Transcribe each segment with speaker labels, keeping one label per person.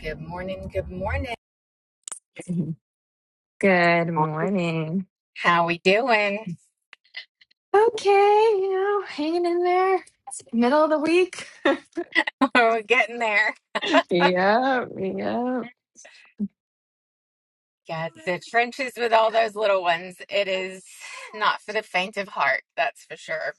Speaker 1: Good morning. Good morning.
Speaker 2: Mhm. Good morning.
Speaker 1: How we doing?
Speaker 2: Okay, you know, hanging in there. It's middle of the week.
Speaker 1: We're getting there.
Speaker 2: Yep, yep.
Speaker 1: Yeah, it's the trenches with all those little ones. It is not for the faint of heart, that's for sure.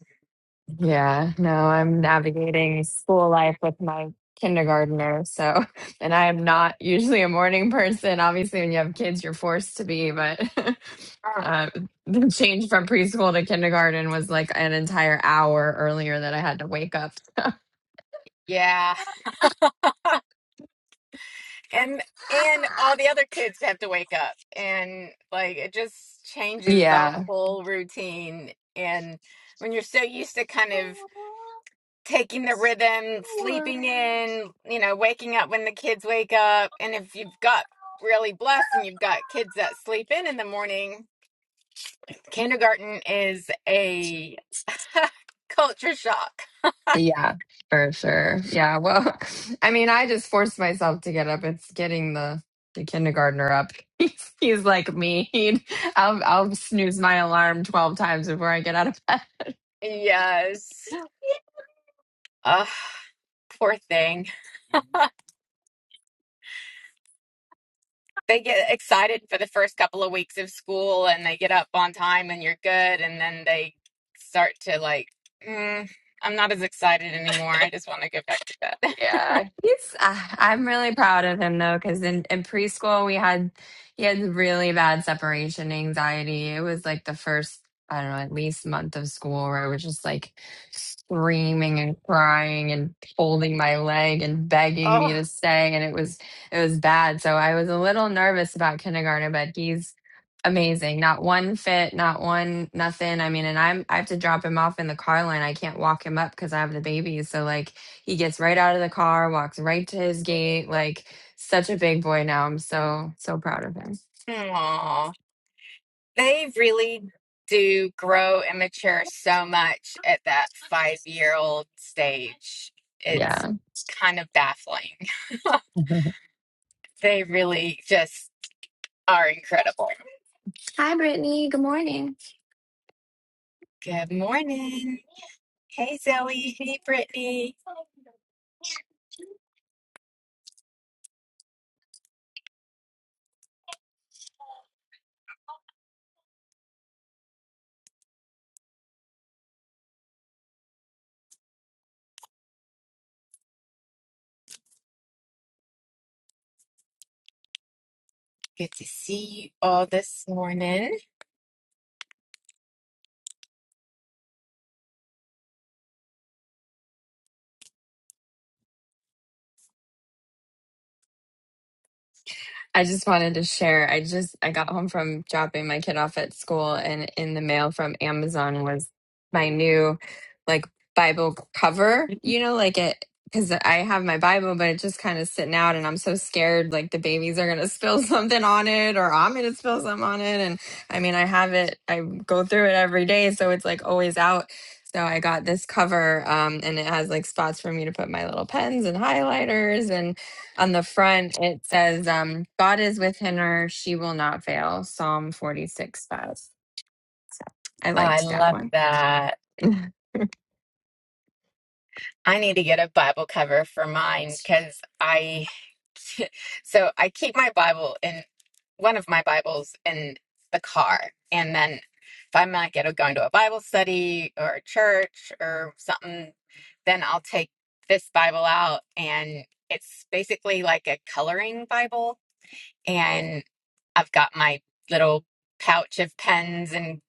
Speaker 2: Yeah, no, I'm navigating school life with my kindergartner. So, and I am not usually a morning person. Obviously, when you have kids, you're forced to be, but
Speaker 1: Uh-huh.
Speaker 2: uh, the change from preschool to kindergarten was like an entire hour earlier that I had to wake up.
Speaker 1: Yeah. And and all the other kids have to wake up and like it just changes the
Speaker 2: Yeah.
Speaker 1: whole routine. And when you're so used to kind of taking the rhythm, sleeping in, you know, waking up when the kids wake up. And if you've got really blessed and you've got kids that sleep in in the morning, kindergarten is a culture shock.
Speaker 2: Yeah, for sure. Yeah. Well, I mean, I just forced myself to get up. It's getting the the kindergartner up. He's, he's like me. He'd, I'll I'll snooze my alarm twelve times before I get out of bed.
Speaker 1: Yes. Ugh, poor thing. they get excited for the first couple of weeks of school and they get up on time and you're good and then they start to like mm, i'm not as excited anymore i just want to go back to bed
Speaker 2: Yeah, he's. Uh, I'm really proud of him though, because in in preschool we had he had really bad separation anxiety. It was like the first I don't know at least month of school where I was just like screaming and crying and holding my leg and begging me
Speaker 1: oh
Speaker 2: to stay, and it was it was bad. So I was a little nervous about kindergarten, but he's amazing. Not one fit, not one nothing. I mean, and I'm I have to drop him off in the car line. I can't walk him up because I have the baby. So like he gets right out of the car, walks right to his gate. Like such a big boy now. I'm so so proud of him.
Speaker 1: aw. They really do grow and mature so much at that five year old stage. It's
Speaker 2: Yeah.
Speaker 1: kind of baffling. They really just are incredible.
Speaker 2: Hi, Brittany. Good morning.
Speaker 1: Good morning. Hey, Zoe. Hey, Brittany. Good to see you all this morning.
Speaker 2: I just wanted to share. I just I got home from dropping my kid off at school and in the mail from Amazon was my new like Bible cover, you know, like it because I have my Bible, but it's just kind of sitting out, and I'm so scared like the babies are gonna spill something on it, or I'm gonna spill something on it. And I mean, I have it, I go through it every day, so it's like always out. So I got this cover, um, and it has like spots for me to put my little pens and highlighters, and on the front it says um god is within her she will not fail psalm 46 5 so i
Speaker 1: I
Speaker 2: liked that
Speaker 1: love
Speaker 2: one.
Speaker 1: that. I need to get a Bible cover for mine because I, so I keep my Bible in one of my Bibles in the car. And then if I'm not get- going to a Bible study or a church or something, then I'll take this Bible out. And it's basically like a coloring Bible. And I've got my little pouch of pens and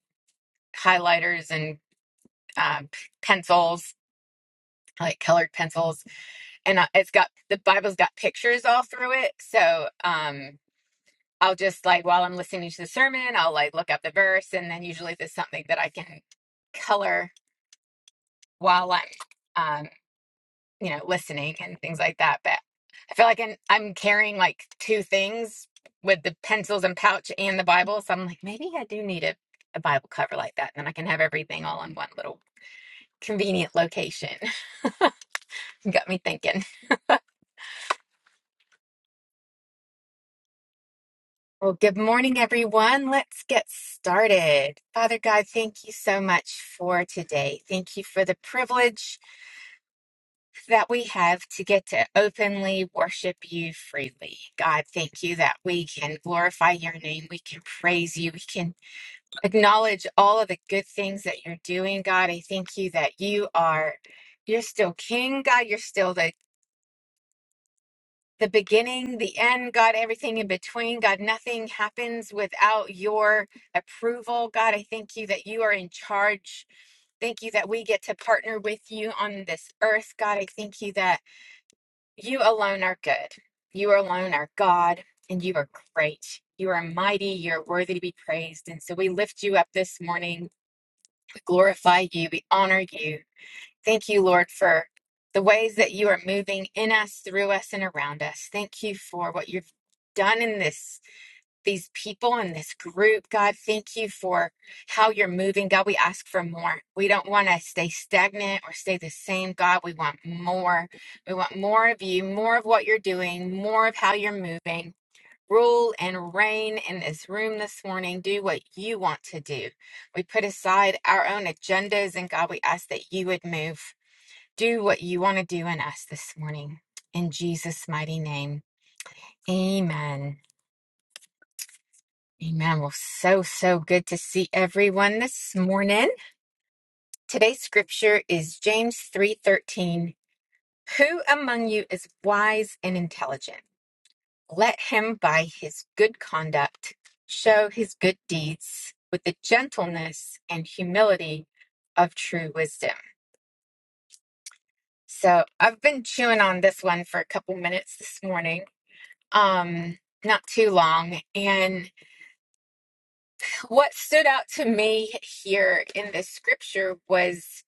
Speaker 1: highlighters and um, pencils, like colored pencils and I- it's got the Bible's got pictures all through it. So um, I'll just like while I'm listening to the sermon, I'll like look up the verse, and then usually there's something that I can color while I'm um, you know listening and things like that. But I feel like I'm, I'm carrying like two things with the pencils and pouch and the Bible, so I'm like maybe I do need a, a Bible cover like that, and then I can have everything all in one little convenient location. got me thinking. Well, good morning, everyone. Let's get started. Father God, thank you so much for today. Thank you for the privilege that we have to get to openly worship you freely. God, thank you that we can glorify your name. We can praise you. We can acknowledge all of the good things that you're doing. God, I thank you that you are. You're still king, God. You're still the the beginning, the end, God, everything in between. God, nothing happens without your approval. God, I thank you that you are in charge. Thank you that we get to partner with you on this earth. God, I thank you that you alone are good. You alone are God, and you are great. You are mighty. You're worthy to be praised. And so we lift you up this morning. We glorify you. We honor you. Thank you, Lord, for the ways that you are moving in us, through us, and around us. Thank you for what you've done in this these people in this group. God, thank you for how you're moving. God, we ask for more. We don't want to stay stagnant or stay the same. God, we want more. We want more of you, more of what you're doing, more of how you're moving. Rule and reign in this room this morning. Do what you want to do. We put aside our own agendas and God, we ask that you would move. Do what you want to do in us this morning. In Jesus' mighty name. Amen. Amen. Well, so, so good to see everyone this morning. Today's scripture is James 3:13. Who among you is wise and intelligent? Let him by his good conduct show his good deeds with the gentleness and humility of true wisdom. So I've been chewing on this one for a couple minutes this morning um not too long and what stood out to me here in this scripture was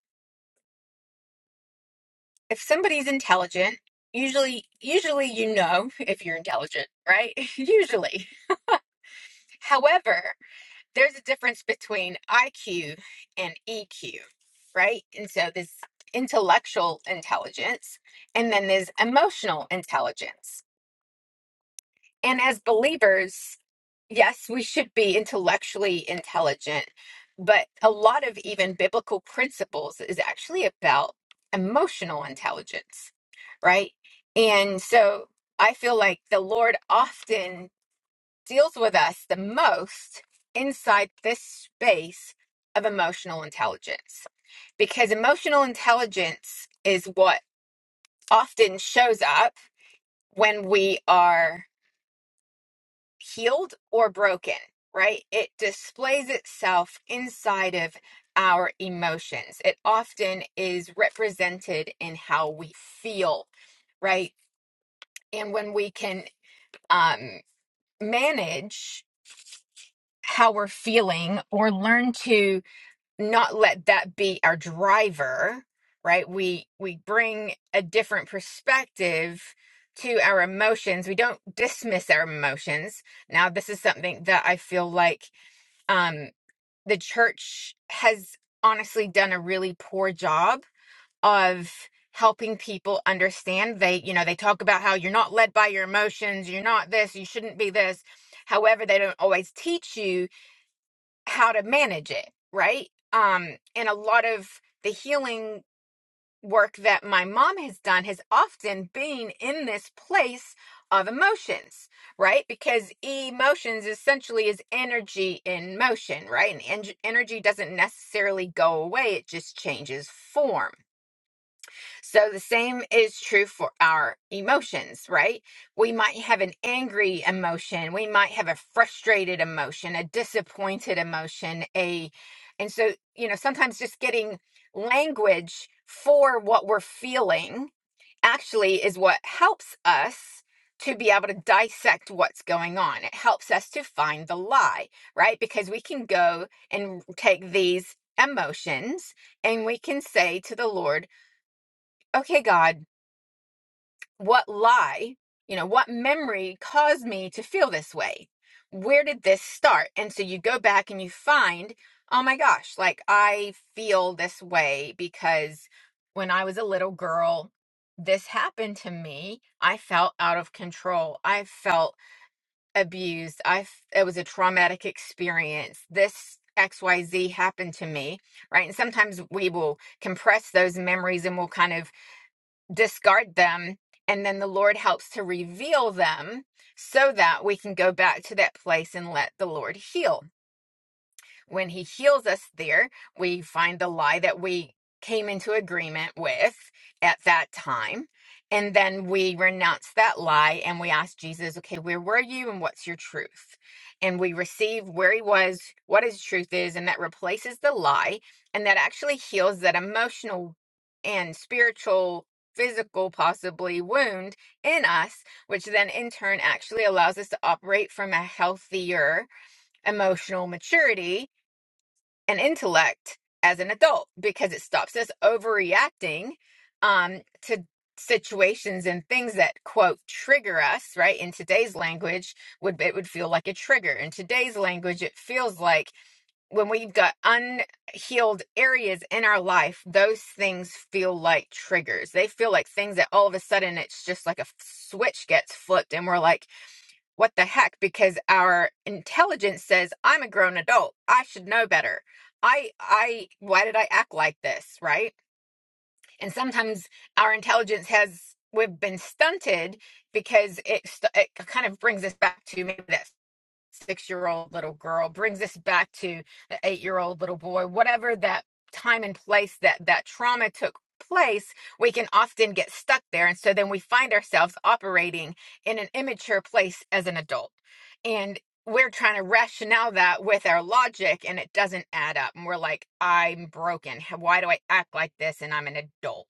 Speaker 1: if somebody's intelligent usually usually you know if you're intelligent right usually however there's a difference between IQ and EQ right and so this intellectual intelligence and then there's emotional intelligence And as believers, yes, we should be intellectually intelligent, but a lot of even biblical principles is actually about emotional intelligence, right? And so I feel like the Lord often deals with us the most inside this space of emotional intelligence because emotional intelligence is what often shows up when we are healed or broken, right? It displays itself inside of our emotions. It often is represented in how we feel, right? And when we can um, manage how we're feeling or learn to not let that be our driver right we we bring a different perspective to our emotions we don't dismiss our emotions now this is something that i feel like um, the church has honestly done a really poor job of helping people understand they you know they talk about how you're not led by your emotions you're not this you shouldn't be this however they don't always teach you how to manage it right um and a lot of the healing work that my mom has done has often been in this place of emotions, right? Because emotions essentially is energy in motion, right? And en- energy doesn't necessarily go away, it just changes form. So the same is true for our emotions, right? We might have an angry emotion, we might have a frustrated emotion, a disappointed emotion, a and so, you know, sometimes just getting language for what we're feeling actually is what helps us to be able to dissect what's going on. It helps us to find the lie, right? Because we can go and take these emotions and we can say to the Lord, "Okay, God, what lie, you know, what memory caused me to feel this way? Where did this start? And so you go back and you find, oh my gosh, like I feel this way because when I was a little girl, this happened to me. I felt out of control. I felt abused. I f- it was a traumatic experience. This XYZ happened to me, right? And sometimes we will compress those memories and we'll kind of discard them and then the lord helps to reveal them so that we can go back to that place and let the lord heal when he heals us there, we find the lie that we came into agreement with at that time. And then we renounce that lie and we ask Jesus, okay, where were you and what's your truth? And we receive where he was, what his truth is, and that replaces the lie. And that actually heals that emotional and spiritual, physical, possibly wound in us, which then in turn actually allows us to operate from a healthier emotional maturity and intellect as an adult because it stops us overreacting um, to situations and things that quote trigger us right in today's language would it would feel like a trigger in today's language it feels like when we've got unhealed areas in our life those things feel like triggers they feel like things that all of a sudden it's just like a f- switch gets flipped and we're like what the heck because our intelligence says i'm a grown adult i should know better i i why did i act like this right and sometimes our intelligence has we've been stunted because it it kind of brings us back to maybe that six year old little girl brings us back to the eight year old little boy whatever that time and place that that trauma took place we can often get stuck there and so then we find ourselves operating in an immature place as an adult and we're trying to rationale that with our logic and it doesn't add up and we're like i'm broken why do i act like this and i'm an adult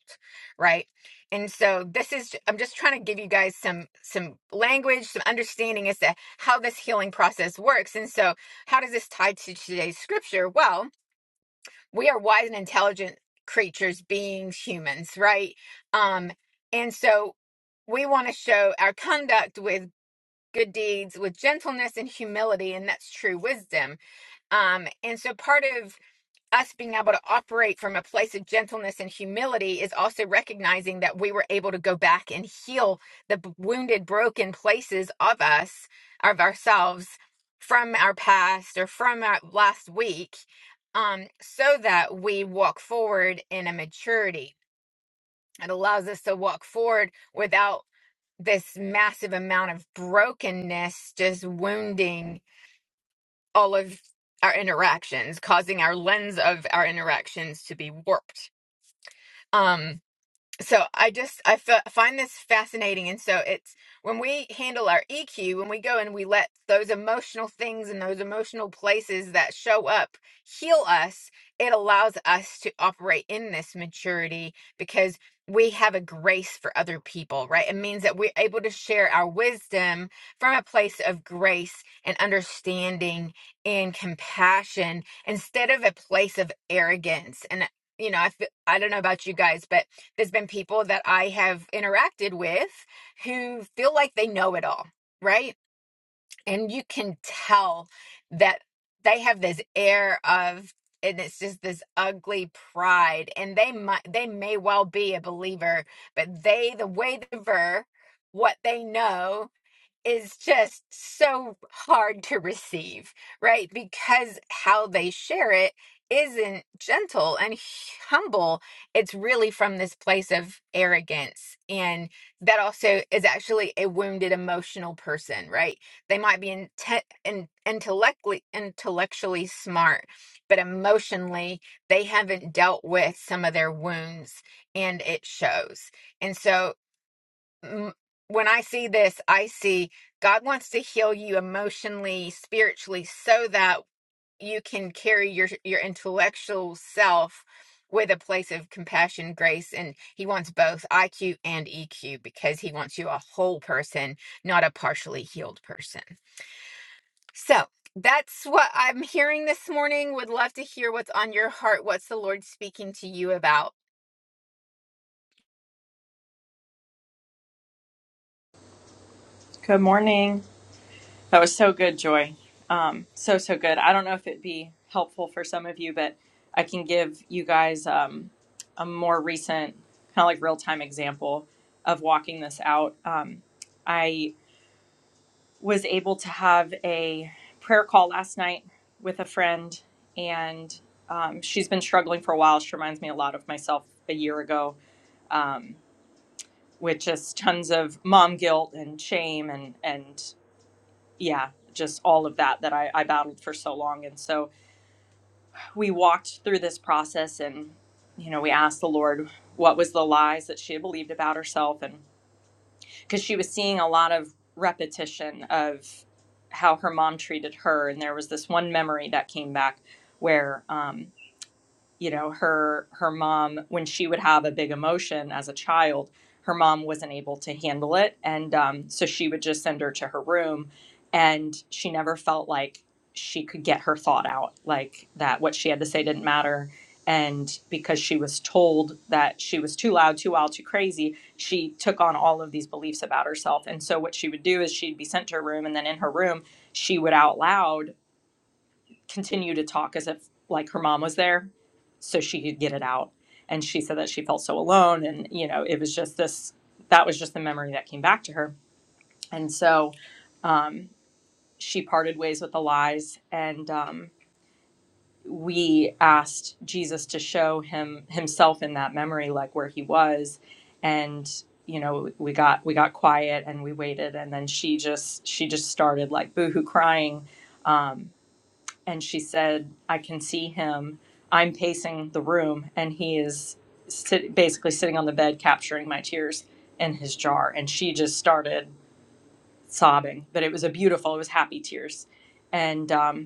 Speaker 1: right and so this is i'm just trying to give you guys some some language some understanding as to how this healing process works. And so, how does this tie to today's scripture? Well, we are wise and intelligent creatures, beings, humans, right? Um, and so, we want to show our conduct with good deeds, with gentleness and humility, and that's true wisdom. Um, and so, part of us being able to operate from a place of gentleness and humility is also recognizing that we were able to go back and heal the b- wounded, broken places of us, of ourselves from our past or from our last week, um, so that we walk forward in a maturity. It allows us to walk forward without this massive amount of brokenness just wounding all of our interactions, causing our lens of our interactions to be warped. Um, so i just i f- find this fascinating and so it's when we handle our eq when we go and we let those emotional things and those emotional places that show up heal us it allows us to operate in this maturity because we have a grace for other people right it means that we're able to share our wisdom from a place of grace and understanding and compassion instead of a place of arrogance and you know, I feel, I don't know about you guys, but there's been people that I have interacted with who feel like they know it all, right? And you can tell that they have this air of and it's just this ugly pride and they might they may well be a believer, but they the way they were what they know is just so hard to receive, right? Because how they share it isn't gentle and humble. It's really from this place of arrogance. And that also is actually a wounded emotional person, right? They might be inte- in- intellectually, intellectually smart, but emotionally, they haven't dealt with some of their wounds and it shows. And so mm, when I see this, I see God wants to heal you emotionally, spiritually, so that you can carry your your intellectual self with a place of compassion, grace, and He wants both IQ and EQ because He wants you a whole person, not a partially healed person. So that's what I'm hearing this morning. Would love to hear what's on your heart. What's the Lord speaking to you about?
Speaker 3: Good morning. That was so good, Joy. Um, so, so good. I don't know if it'd be helpful for some of you, but I can give you guys um, a more recent, kind of like real time example of walking this out. Um, I was able to have a prayer call last night with a friend, and um, she's been struggling for a while. She reminds me a lot of myself a year ago. Um, with just tons of mom guilt and shame and and yeah, just all of that that I, I battled for so long. And so we walked through this process and, you know, we asked the Lord what was the lies that she had believed about herself. And because she was seeing a lot of repetition of how her mom treated her. And there was this one memory that came back where, um, you know her her mom when she would have a big emotion as a child her mom wasn't able to handle it and um, so she would just send her to her room and she never felt like she could get her thought out like that what she had to say didn't matter and because she was told that she was too loud too wild too crazy she took on all of these beliefs about herself and so what she would do is she'd be sent to her room and then in her room she would out loud continue to talk as if like her mom was there so she could get it out and she said that she felt so alone and you know it was just this that was just the memory that came back to her and so um, she parted ways with the lies and um, we asked jesus to show him himself in that memory like where he was and you know we got we got quiet and we waited and then she just she just started like boohoo crying um, and she said, I can see him. I'm pacing the room, and he is sit- basically sitting on the bed, capturing my tears in his jar. And she just started sobbing, but it was a beautiful, it was happy tears. And um,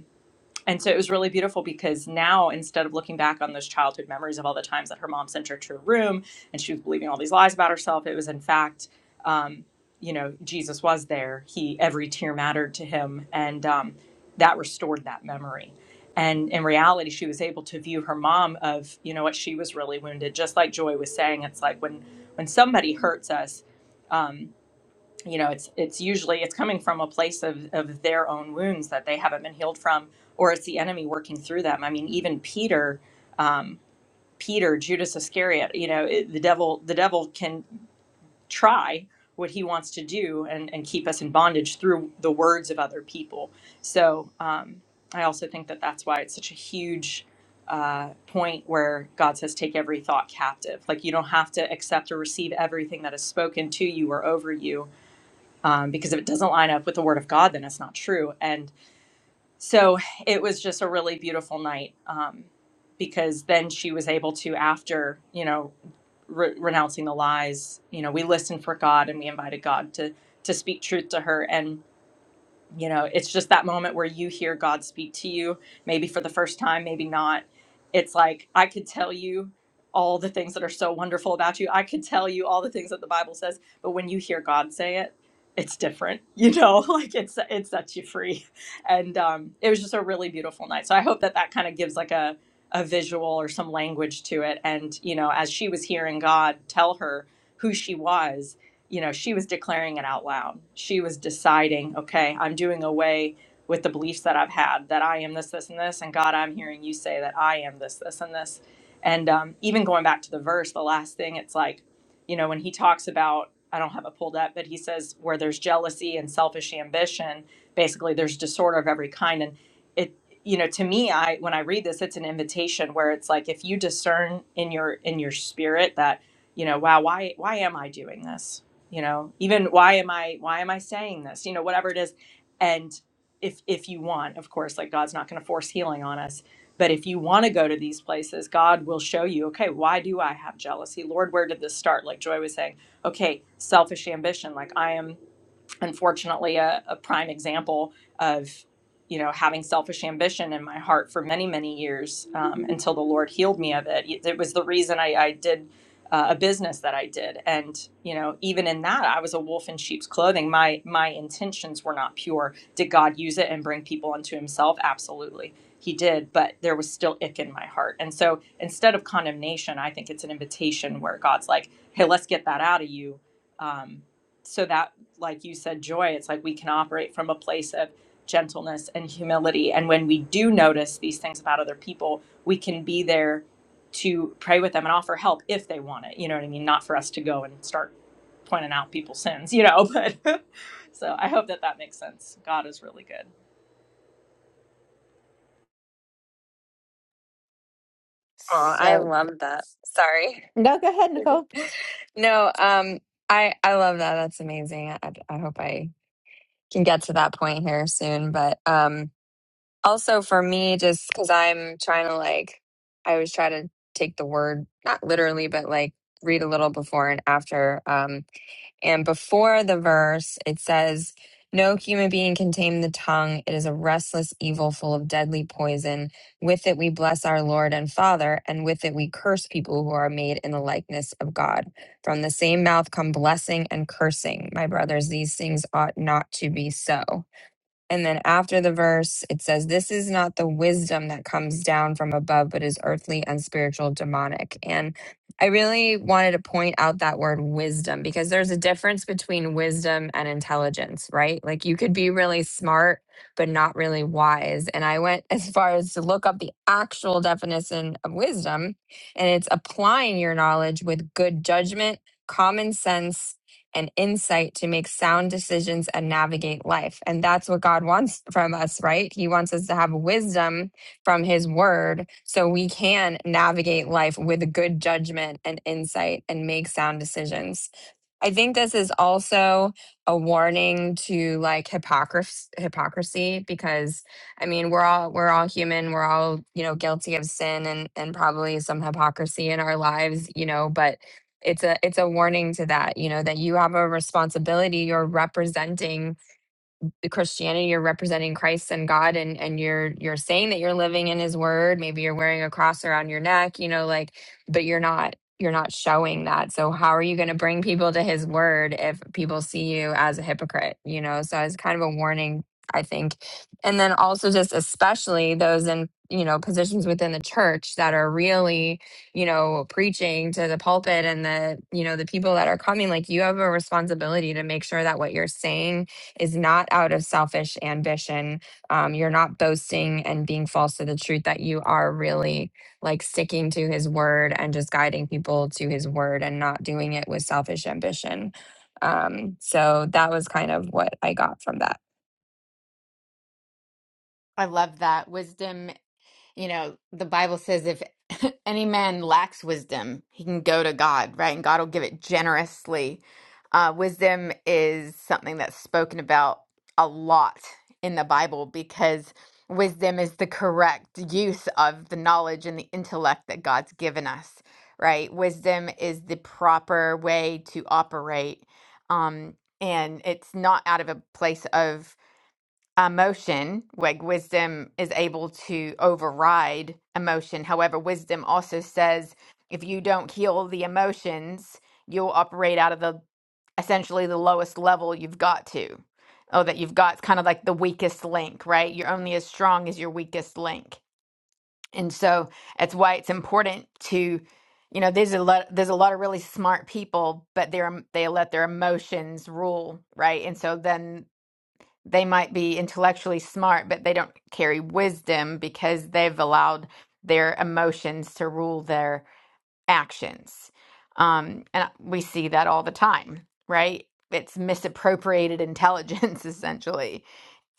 Speaker 3: and so it was really beautiful because now instead of looking back on those childhood memories of all the times that her mom sent her to a room and she was believing all these lies about herself, it was in fact, um, you know, Jesus was there. He every tear mattered to him, and um, that restored that memory. And in reality, she was able to view her mom of you know what she was really wounded. Just like Joy was saying, it's like when when somebody hurts us. Um, you know it's it's usually it's coming from a place of of their own wounds that they haven't been healed from or it's the enemy working through them i mean even peter um peter judas iscariot you know it, the devil the devil can try what he wants to do and and keep us in bondage through the words of other people so um i also think that that's why it's such a huge uh, point where God says, take every thought captive. Like, you don't have to accept or receive everything that is spoken to you or over you um, because if it doesn't line up with the word of God, then it's not true. And so it was just a really beautiful night um, because then she was able to, after you know, re- renouncing the lies, you know, we listened for God and we invited God to to speak truth to her. And you know it's just that moment where you hear god speak to you maybe for the first time maybe not it's like i could tell you all the things that are so wonderful about you i could tell you all the things that the bible says but when you hear god say it it's different you know like it's it sets you free and um, it was just a really beautiful night so i hope that that kind of gives like a a visual or some language to it and you know as she was hearing god tell her who she was you know, she was declaring it out loud. She was deciding, okay, I'm doing away with the beliefs that I've had that I am this, this, and this. And God, I'm hearing you say that I am this, this, and this. And um, even going back to the verse, the last thing, it's like, you know, when he talks about, I don't have it pulled up, but he says, where there's jealousy and selfish ambition, basically there's disorder of every kind. And it, you know, to me, I when I read this, it's an invitation where it's like if you discern in your in your spirit that, you know, wow, why why am I doing this? you know even why am i why am i saying this you know whatever it is and if if you want of course like god's not going to force healing on us but if you want to go to these places god will show you okay why do i have jealousy lord where did this start like joy was saying okay selfish ambition like i am unfortunately a, a prime example of you know having selfish ambition in my heart for many many years um, until the lord healed me of it it was the reason i, I did uh, a business that i did and you know even in that i was a wolf in sheep's clothing my my intentions were not pure did god use it and bring people unto himself absolutely he did but there was still ick in my heart and so instead of condemnation i think it's an invitation where god's like hey let's get that out of you um, so that like you said, joy, it's like we can operate from a place of gentleness and humility. And when we do notice these things about other people, we can be there to pray with them and offer help if they want it. You know what I mean? Not for us to go and start pointing out people's sins, you know, but so I hope that that makes sense. God is really good.
Speaker 2: Oh, i
Speaker 1: So
Speaker 2: love that sorry
Speaker 1: No, go ahead, Nicole.
Speaker 2: no um i i love that that's amazing I, I hope i can get to that point here soon but um also for me just because i'm trying to like i always try to take the word not literally but like read a little before and after um And before the verse, it says, No human being can tame the tongue. It is a restless evil full of deadly poison. With it we bless our Lord and Father, and with it we curse people who are made in the likeness of God. From the same mouth come blessing and cursing. My brothers, these things ought not to be so. And then after the verse, it says, This is not the wisdom that comes down from above, but is earthly, unspiritual, demonic. And I really wanted to point out that word wisdom because there's a difference between wisdom and intelligence, right? Like you could be really smart, but not really wise. And I went as far as to look up the actual definition of wisdom, and it's applying your knowledge with good judgment, common sense, and insight to make sound decisions and navigate life. And that's what God wants from us, right? He wants us to have wisdom from His word so we can navigate life with good judgment and insight and make sound decisions. I think this is also a warning to like hypocrisy, hypocrisy because I mean we're all we're all human, we're all you know guilty of sin and and probably some hypocrisy in our lives, you know. But it's a it's a warning to that you know that you have a responsibility you're representing the Christianity, you're representing Christ and God and and you're you're saying that you're living in his word. Maybe you're wearing a cross around your neck, you know, like but you're not you're not showing that. So how are you going to bring people to his word if people see you as a hypocrite, you know? So it's kind of a warning, I think. And then also just especially those in, you know, positions within the church that are really you know preaching to the pulpit and the you know the people that are coming like you have a responsibility to make sure that what you're saying is not out of selfish ambition. Um, you're not boasting and being false to the truth, that you are really like sticking to his word and just guiding people to his word and not doing it with selfish ambition. Um, so that was kind of what I got from that.
Speaker 1: I love that wisdom You know, the Bible says if any man lacks wisdom, he can go to God, right? And God will give it generously. Uh, wisdom is something that's spoken about a lot in the Bible because wisdom is the correct use of the knowledge and the intellect that God's given us, right? Wisdom is the proper way to operate. Um, and it's not out of a place of emotion, like wisdom is able to override emotion. However, wisdom also says if you don't heal the emotions, you'll operate out of the essentially the lowest level you've got to. Oh, that you've got kind of like the weakest link, right? You're only as strong as your weakest link. And so that's why it's important to, you know, there's a lot there's a lot of really smart people, but they're they let their emotions rule, right? And so then they might be intellectually smart, but they don't carry wisdom because they've allowed their emotions to rule their actions. Um, and we see that all the time, right? It's misappropriated intelligence, essentially.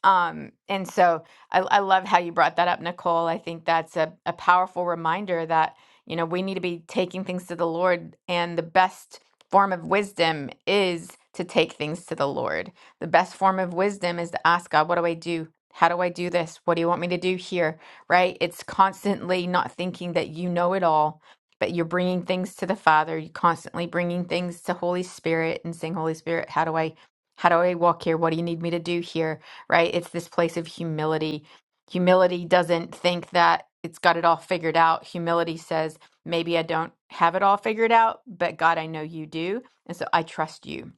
Speaker 1: Um, and so I, I love how you brought that up, Nicole. I think that's a, a powerful reminder that, you know, we need to be taking things to the Lord, and the best form of wisdom is to take things to the Lord. The best form of wisdom is to ask God, what do I do? How do I do this? What do you want me to do here? Right? It's constantly not thinking that you know it all, but you're bringing things to the Father. You're constantly bringing things to Holy Spirit and saying, Holy Spirit, how do I, how do I walk here? What do you need me to do here? right? It's this place of humility. Humility doesn't think that it's got it all figured out. Humility says, maybe I don't have it all figured out, but God, I know you do. And so I trust you.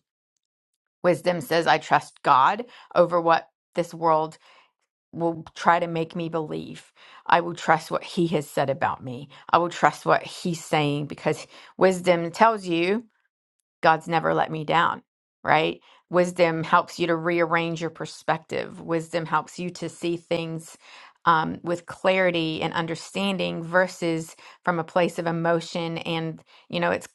Speaker 1: Wisdom says, I trust God over what this world will try to make me believe. I will trust what He has said about me. I will trust what He's saying because wisdom tells you. God's never let me down, right? Wisdom helps you to rearrange your perspective. Wisdom helps you to see things um, with clarity and understanding versus from a place of emotion. And, you know, it's,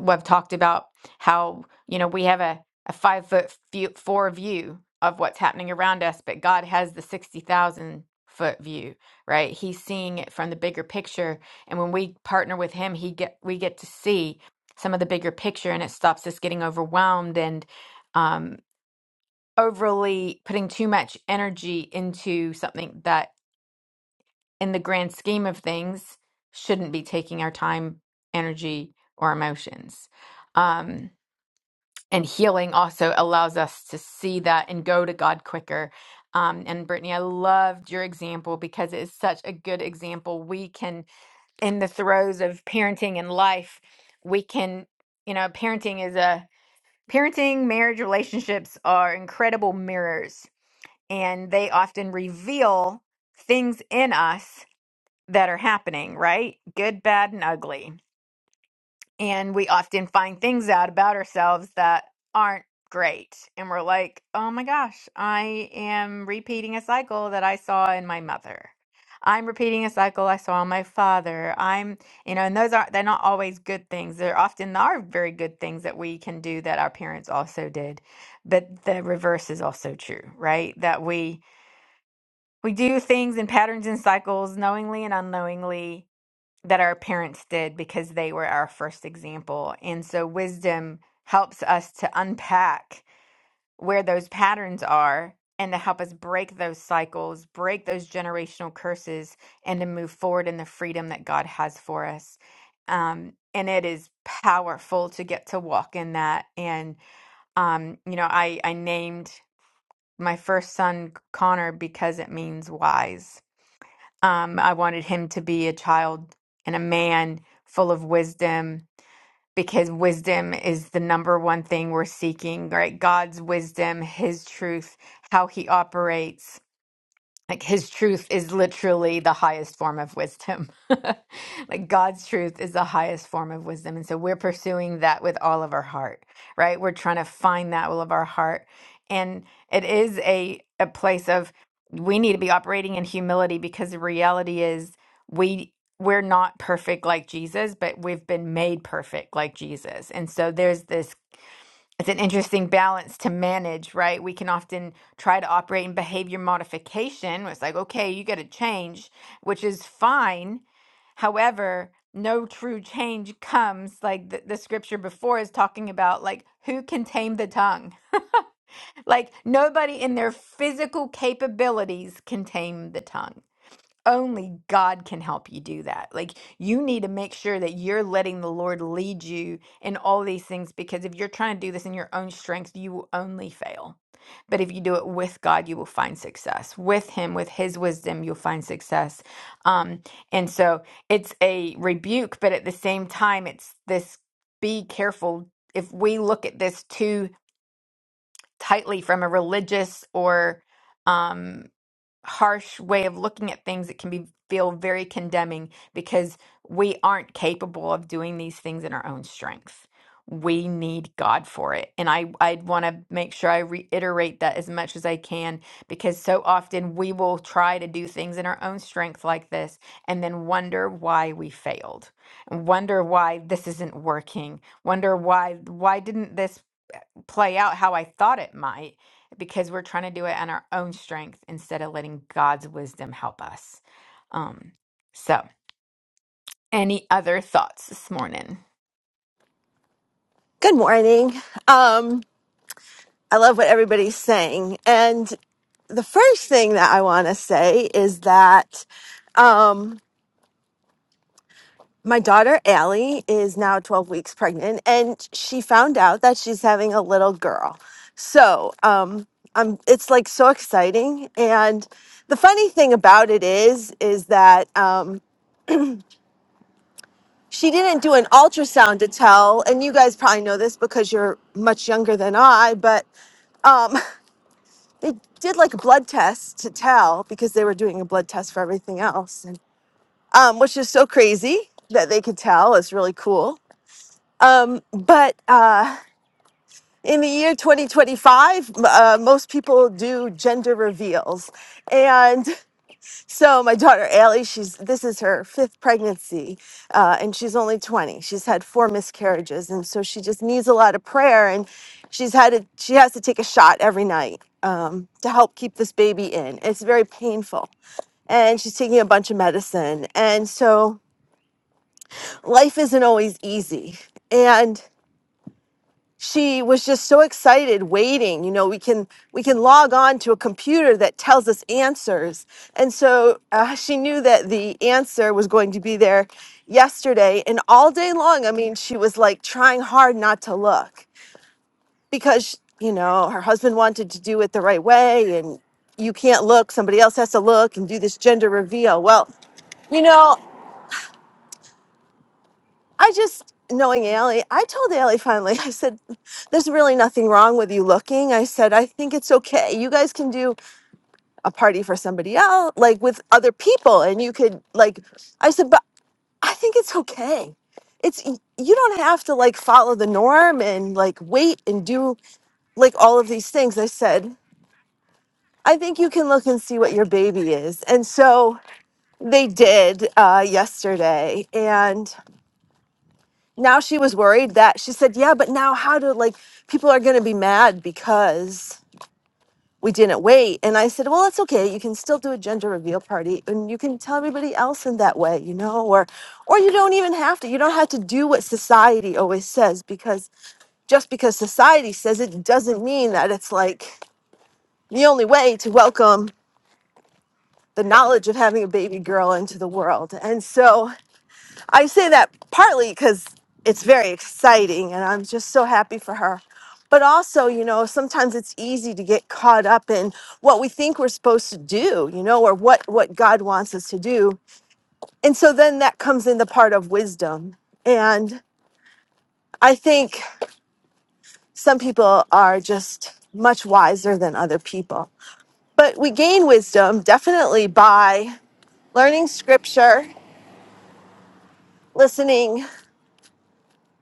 Speaker 1: we've talked about how, you know, we have a, a five foot few, four view of what's happening around us, but God has the 60,000 foot view, right? He's seeing it from the bigger picture. And when we partner with him, he get, we get to see some of the bigger picture and it stops us getting overwhelmed and um, overly putting too much energy into something that, in the grand scheme of things, shouldn't be taking our time, energy, or emotions. Um, and healing also allows us to see that and go to God quicker. Um, and Brittany, I loved your example because it is such a good example. We can, in the throes of parenting and life, we can, you know, parenting is a Parenting, marriage, relationships are incredible mirrors, and they often reveal things in us that are happening, right? Good, bad, and ugly and we often find things out about ourselves that aren't great and we're like oh my gosh i am repeating a cycle that i saw in my mother i'm repeating a cycle i saw in my father i'm you know and those are they're not always good things they're often are very good things that we can do that our parents also did but the reverse is also true right that we we do things in patterns and cycles knowingly and unknowingly that our parents did because they were our first example. And so wisdom helps us to unpack where those patterns are and to help us break those cycles, break those generational curses, and to move forward in the freedom that God has for us. Um, and it is powerful to get to walk in that. And, um, you know, I, I named my first son Connor because it means wise um, I wanted him to be a child and a man full of wisdom because wisdom is the number one thing we're seeking, right? God's wisdom, his truth, how he operates like his truth is literally the highest form of wisdom. like God's truth is the highest form of wisdom. And so we're pursuing that with all of our heart, right? We're trying to find that with all of our heart. And it is a, a place of we need to be operating in humility because the reality is we we're not perfect like Jesus, but we've been made perfect like Jesus. And so there's this it's an interesting balance to manage, right? We can often try to operate in behavior modification. where It's like, okay, you got to change, which is fine. However, no true change comes like the, the scripture before is talking about, like, who can tame the tongue? Like, nobody in their physical capabilities can tame the tongue only God can help you do that. Like you need to make sure that you're letting the Lord lead you in all these things because if you're trying to do this in your own strength, you will only fail. But if you do it with God, you will find success. With him, with his wisdom, you'll find success. Um and so it's a rebuke, but at the same time it's this be careful if we look at this too tightly from a religious or um, harsh way of looking at things it can be feel very condemning because we aren't capable of doing these things in our own strength we need god for it and i i want to make sure i reiterate that as much as i can because so often we will try to do things in our own strength like this and then wonder why we failed and wonder why this isn't working wonder why why didn't this play out how I thought it might because we're trying to do it on our own strength instead of letting God's wisdom help us. Um, so, any other thoughts this morning?
Speaker 4: Good morning. Um, I love what everybody's saying. And the first thing that I want to say is that um, my daughter, Allie, is now 12 weeks pregnant, and she found out that she's having a little girl. So um, I'm, it's like so exciting. And the funny thing about it is, is that um, she didn't do an ultrasound to tell, and you guys probably know this because you're much younger than I, but. Um, they did like a blood test to tell because they were doing a blood test for everything else and um, which is so crazy that they could tell it's really cool um, but uh, in the year 2025 m- uh, most people do gender reveals and so my daughter Allie, she's this is her fifth pregnancy, uh, and she's only 20. She's had four miscarriages, and so she just needs a lot of prayer. And she's had to, she has to take a shot every night um, to help keep this baby in. It's very painful, and she's taking a bunch of medicine. And so life isn't always easy. And she was just so excited waiting you know we can we can log on to a computer that tells us answers and so uh, she knew that the answer was going to be there yesterday and all day long i mean she was like trying hard not to look because you know her husband wanted to do it the right way and you can't look somebody else has to look and do this gender reveal well you know I just knowing Allie, I told Allie finally, I said, There's really nothing wrong with you looking. I said, I think it's okay. You guys can do a party for somebody else, like with other people, and you could like I said, but I think it's okay. It's y- you don't have to like follow the norm and like wait and do like all of these things. I said, I think you can look and see what your baby is. And so they did uh, yesterday. now she was worried that she said, Yeah, but now how do like people are going to be mad because we didn't wait? And I said, Well, that's okay. You can still do a gender reveal party and you can tell everybody else in that way, you know, or or you don't even have to. You don't have to do what society always says because just because society says it doesn't mean that it's like the only way to welcome the knowledge of having a baby girl into the world. And so I say that partly because it's very exciting and I'm just so happy for her. But also, you know, sometimes it's easy to get caught up in what we think we're supposed to do, you know, or what, what God wants us to do. And so then that comes in the part of wisdom. And I think some people are just much wiser than other people. But we gain wisdom definitely by learning scripture, listening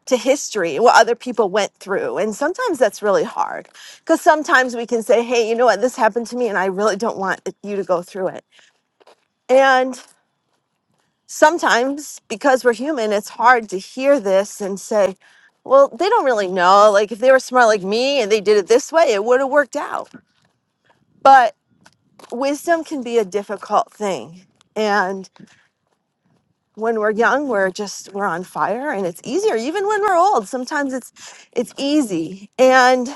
Speaker 4: to history, what other people went through. And sometimes that's really hard because sometimes we can say, hey, you know what, this happened to me and I really don't want it- you to go through it. And sometimes because we're human, it's hard to hear this and say, well, they don't really know. Like if they were smart like me and they did it this way, it would have worked out. But wisdom can be a difficult thing. And when we're young, we're just we're on fire and it's easier even when we're old. Sometimes it's it's easy. And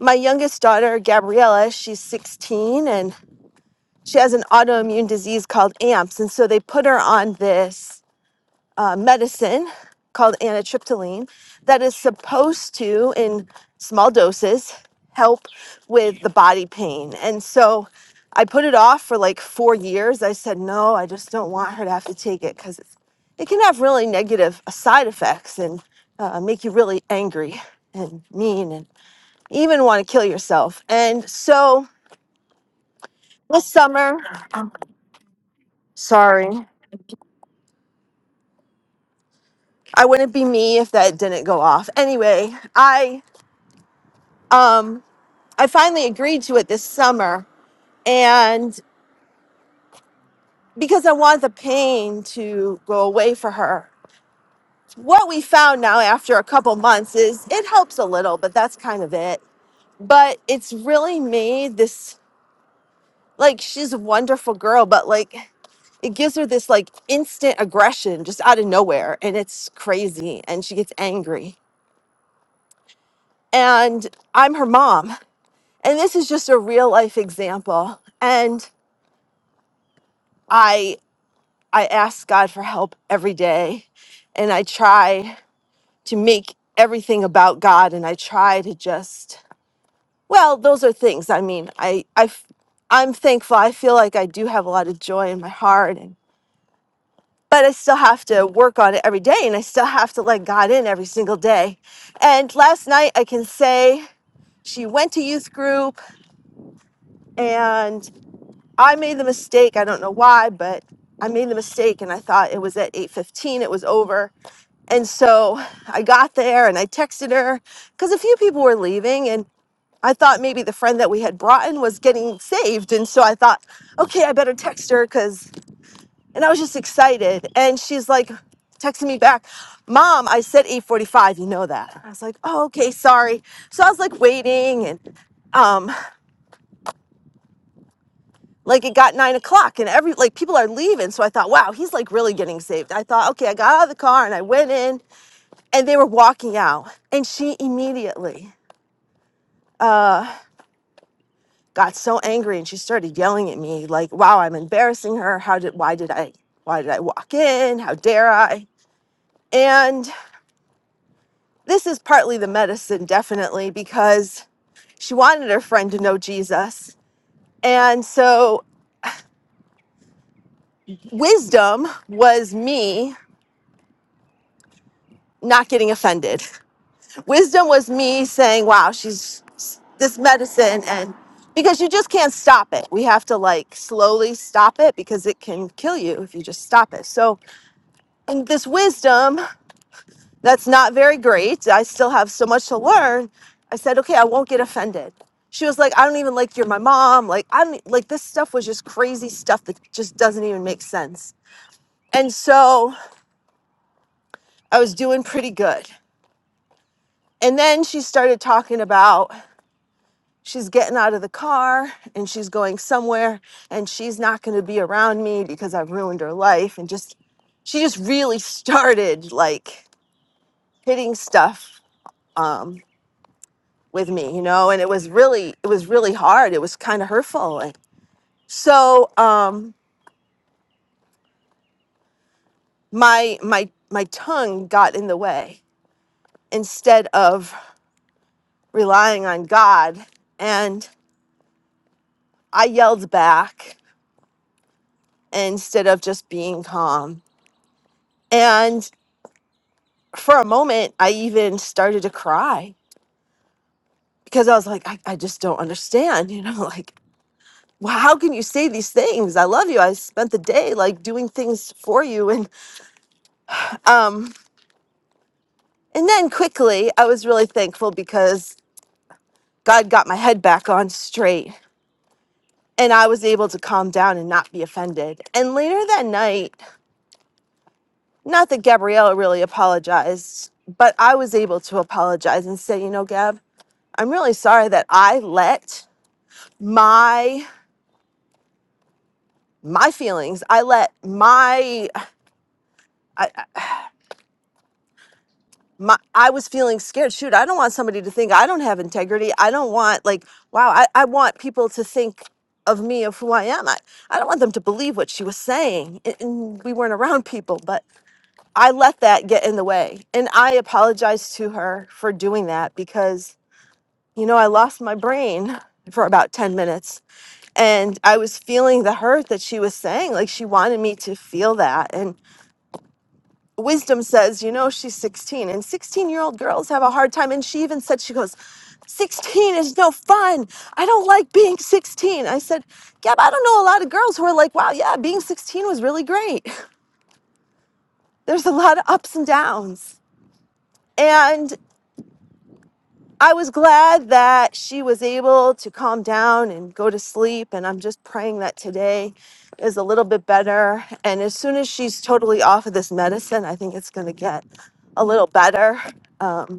Speaker 4: my youngest daughter, Gabriella, she's 16 and she has an autoimmune disease called AMPS. And so they put her on this uh, medicine called anitriptyline that is supposed to, in small doses, help with the body pain. And so I put it off for like four years. I said, no, I just don't want her to have to take it because it can have really negative uh, side effects and uh, make you really angry and mean even want to kill yourself. And so this summer, sorry, I wouldn't be me if that didn't go off. Anyway, I um I finally agreed to it this summer and because I want the pain to go away for her. What we found now after a couple months is it helps a little, but that's kind of it. But it's really made this Like she's a wonderful girl, but like it gives her this like instant aggression just out of nowhere and it's crazy and she gets angry and i'm her mom and this is just a real life example and i i ask god for help every day and i try to make everything about god and i try to just well those are things i mean i i f- i'm thankful i feel like i do have a lot of joy in my heart and. but I still have to work on it every day and I still have to let God in every single day. And last night, I can say she went to youth group and I made the mistake. I don't know why, but I made the mistake and I thought it was at 8:15 it was over. And so I got there and I texted her cuz a few people were leaving and I thought maybe the friend that we had brought in was getting saved and so I thought, okay, I better text her cuz And I was just excited. And she's like texting me back, Mom, I said 845, you know that. I was like, oh, okay, sorry. So I was like waiting and um like it got nine o'clock and every like people are leaving. So I thought, wow, he's like really getting saved. I thought, okay, I got out of the car and I went in and they were walking out. And she immediately uh got so angry and she started yelling at me like, wow, I'm embarrassing her. How did why did I why did I walk in? How dare I? And." this is partly the medicine, definitely, because she wanted her friend to know Jesus. And so, wisdom was me not getting offended. Wisdom was me saying, wow, she's this medicine. And because you just can't stop it. We have to like slowly stop it because it can kill you if you just stop it. So, and this wisdom That's not very great. I still have so much to learn. I said, okay, I won't get offended. She was like, I don't even like you're my mom. Like, I'm like, this stuff was just crazy stuff that just doesn't even make sense. And so I was doing pretty good. And then she started talking about she's getting out of the car and she's going somewhere and she's not going to be around me because I've ruined her life. And just, she just really started like hitting stuff. Um, with me, you know, and it was really it was really hard. It was kind of hurtful. And so um my my my tongue got in the way instead of relying on God and I yelled back instead of just being calm. And for a moment I even started to cry because I was like, I, I just don't understand, you know, like well, how can you say these things? I love you. I spent the day like doing things for you and um And then quickly, I was really thankful because God got my head back on straight and I was able to calm down and not be offended. And later that night, not that Gabriella really apologized, but I was able to apologize and say, you know, Gab, I'm really sorry that I let my my feelings i let my I, my I was feeling scared. Shoot, I don't want somebody to think I don't have integrity. I don't want like, wow, I, I want people to think of me of who I am. I, I don't want them to believe what she was saying. And, and we weren't around people, but I let that get in the way. And I apologized to her for doing that because, you know, I lost my brain for about 10 minutes and I was feeling the hurt that she was saying. Like she wanted me to feel that wisdom says, you know, she's 16, and 16 year old girls have a hard time. And she even said, she goes, 16 is no fun. I don't like being 16. I said, yeah, but I don't know a lot of girls who are like, wow, yeah, being 16 was really great. There's a lot of ups and downs. And I was glad that she was able to calm down and go to sleep. And I'm just praying that today is a little bit better. And as soon as she's totally off of this medicine, I think it's going to get a little better. Um,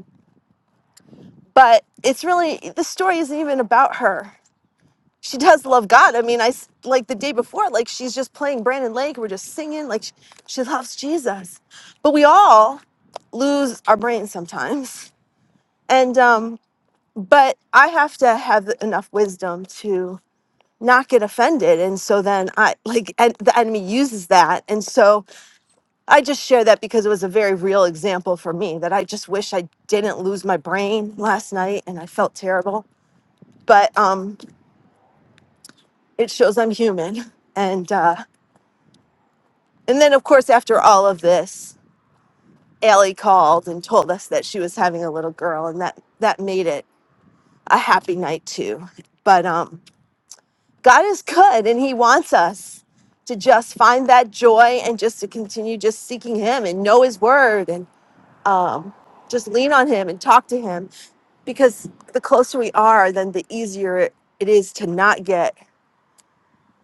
Speaker 4: but it's really the story isn't even about her she does love god i mean i s- like the day before like she's just playing brandon lake we're just singing like she, she loves jesus but we all lose our brains sometimes and um but i have to have enough wisdom to not get offended and so then i like and the enemy uses that and so i just share that because it was a very real example for me that i just wish i didn't lose my brain last night and i felt terrible but um it shows I'm human. And uh, and then of course after all of this, Allie called and told us that she was having a little girl, and that that made it a happy night too. But um, God is good, and He wants us to just find that joy and just to continue just seeking Him and know His Word and um, just lean on Him and talk to Him because the closer we are, then the easier it it is to not get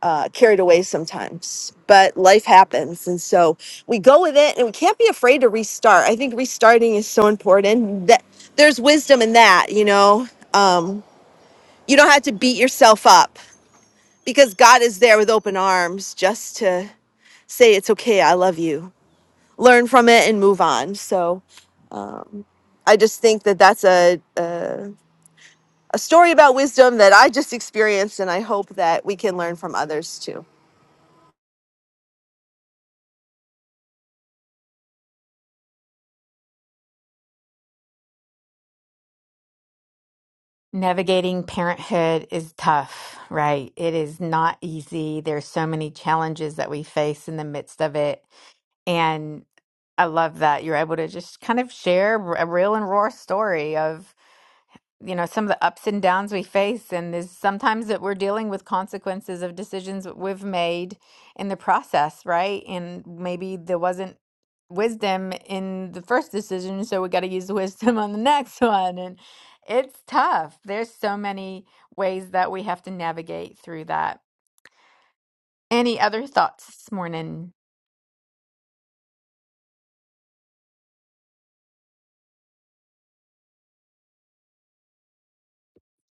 Speaker 4: uh, carried away sometimes, but life happens. And so we go with it and we can't be afraid to restart. I think restarting is so important that there's wisdom in that, you know, um, you don't have to beat yourself up because God is there with open arms just to say, it's okay. I love you. Learn from it and move on. So I just think that that's a, a, a story about wisdom that I just experienced. And I hope that we can learn from others too.
Speaker 1: Navigating parenthood is tough, right? It is not easy. There's so many challenges that we face in the midst of it. And I love that you're able to just kind of share a real and raw story of you know some of the ups and downs we face and there's sometimes that we're dealing with consequences of decisions that we've made in the process right and maybe there wasn't wisdom in the first decision so we got to use the wisdom on the next one and it's tough there's so many ways that we have to navigate through that any other thoughts this morning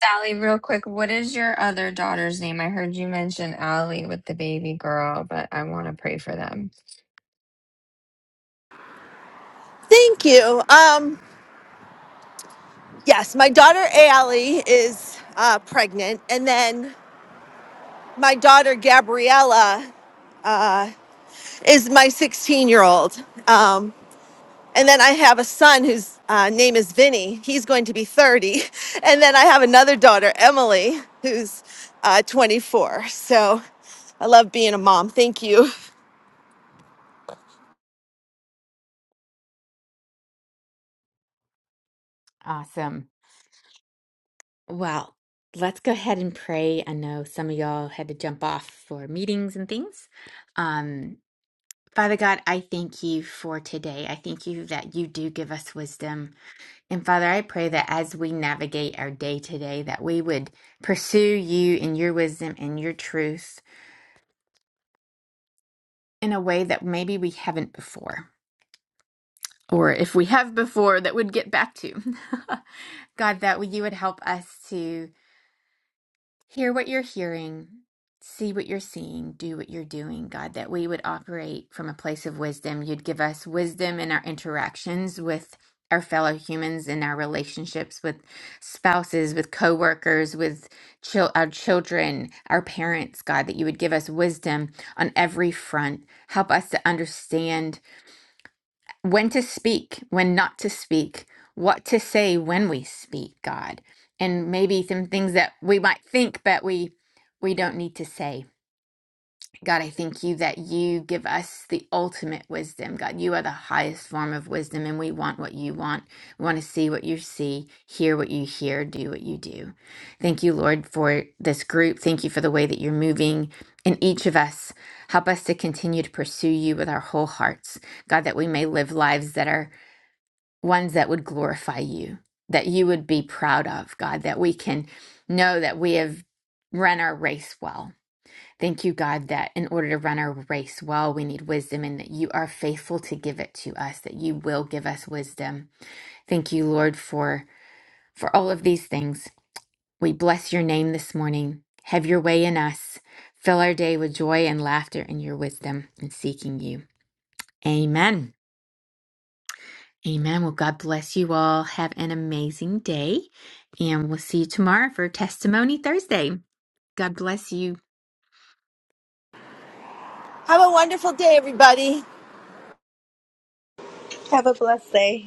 Speaker 2: Sally, real quick, what is your other daughter's name? I heard you mention Allie with the baby girl, but I want to pray for them.
Speaker 4: Thank you. Um, Yes, my daughter Ali is uh, pregnant, and then my daughter Gabriella is my 16 year old. Um, and then I have a son whose uh, name is Vinny. He's going to be 30. And then I have another daughter, Emily, who's uh, 24. So I love being a mom. Thank you.
Speaker 1: awesome well let's go ahead and pray i know some of y'all had to jump off for meetings and things um Father God, I thank you for today. I thank you that you do give us wisdom. And Father, I pray that as we navigate our day today, that we would pursue you and your wisdom and your truth in a way that maybe we haven't before. Or if we have before, that we would get back to. God, that you would help us to Hear what you're hearing, see what you're seeing, do what you're doing, God, that we would operate from a place of wisdom. You'd give us wisdom in our interactions with our fellow humans, in our relationships with spouses, with coworkers, with chil- our children, our parents, God, that you would give us wisdom on every front. Help us to understand when to speak, when not to speak, what to say when we speak, God, and maybe some things that we might think but we we don't need to say. God, I thank you that you give us the ultimate wisdom. God, you are the highest form of wisdom, and we want what you want. We want to see what you see, hear what you hear, do what you do. Thank you, Lord, for this group. Thank you for the way that you're moving in each of us. Help us to continue to pursue you with our whole hearts. God, that we may live lives that are ones that would glorify you, that you would be proud of, God, that we can know that we have run our race well. Thank you, God, that in order to run our race well, we need wisdom and that you are faithful to give it to us, that you will give us wisdom. Thank you, Lord, for for all of these things. We bless your name this morning. Have your way in us. Fill our day with joy and laughter and your wisdom in seeking you. Amen. Amen. Well, God bless you all. Have an amazing day. And we'll see you tomorrow for Testimony Thursday. God bless you.
Speaker 4: Have a wonderful day, everybody.
Speaker 5: Have a blessed day.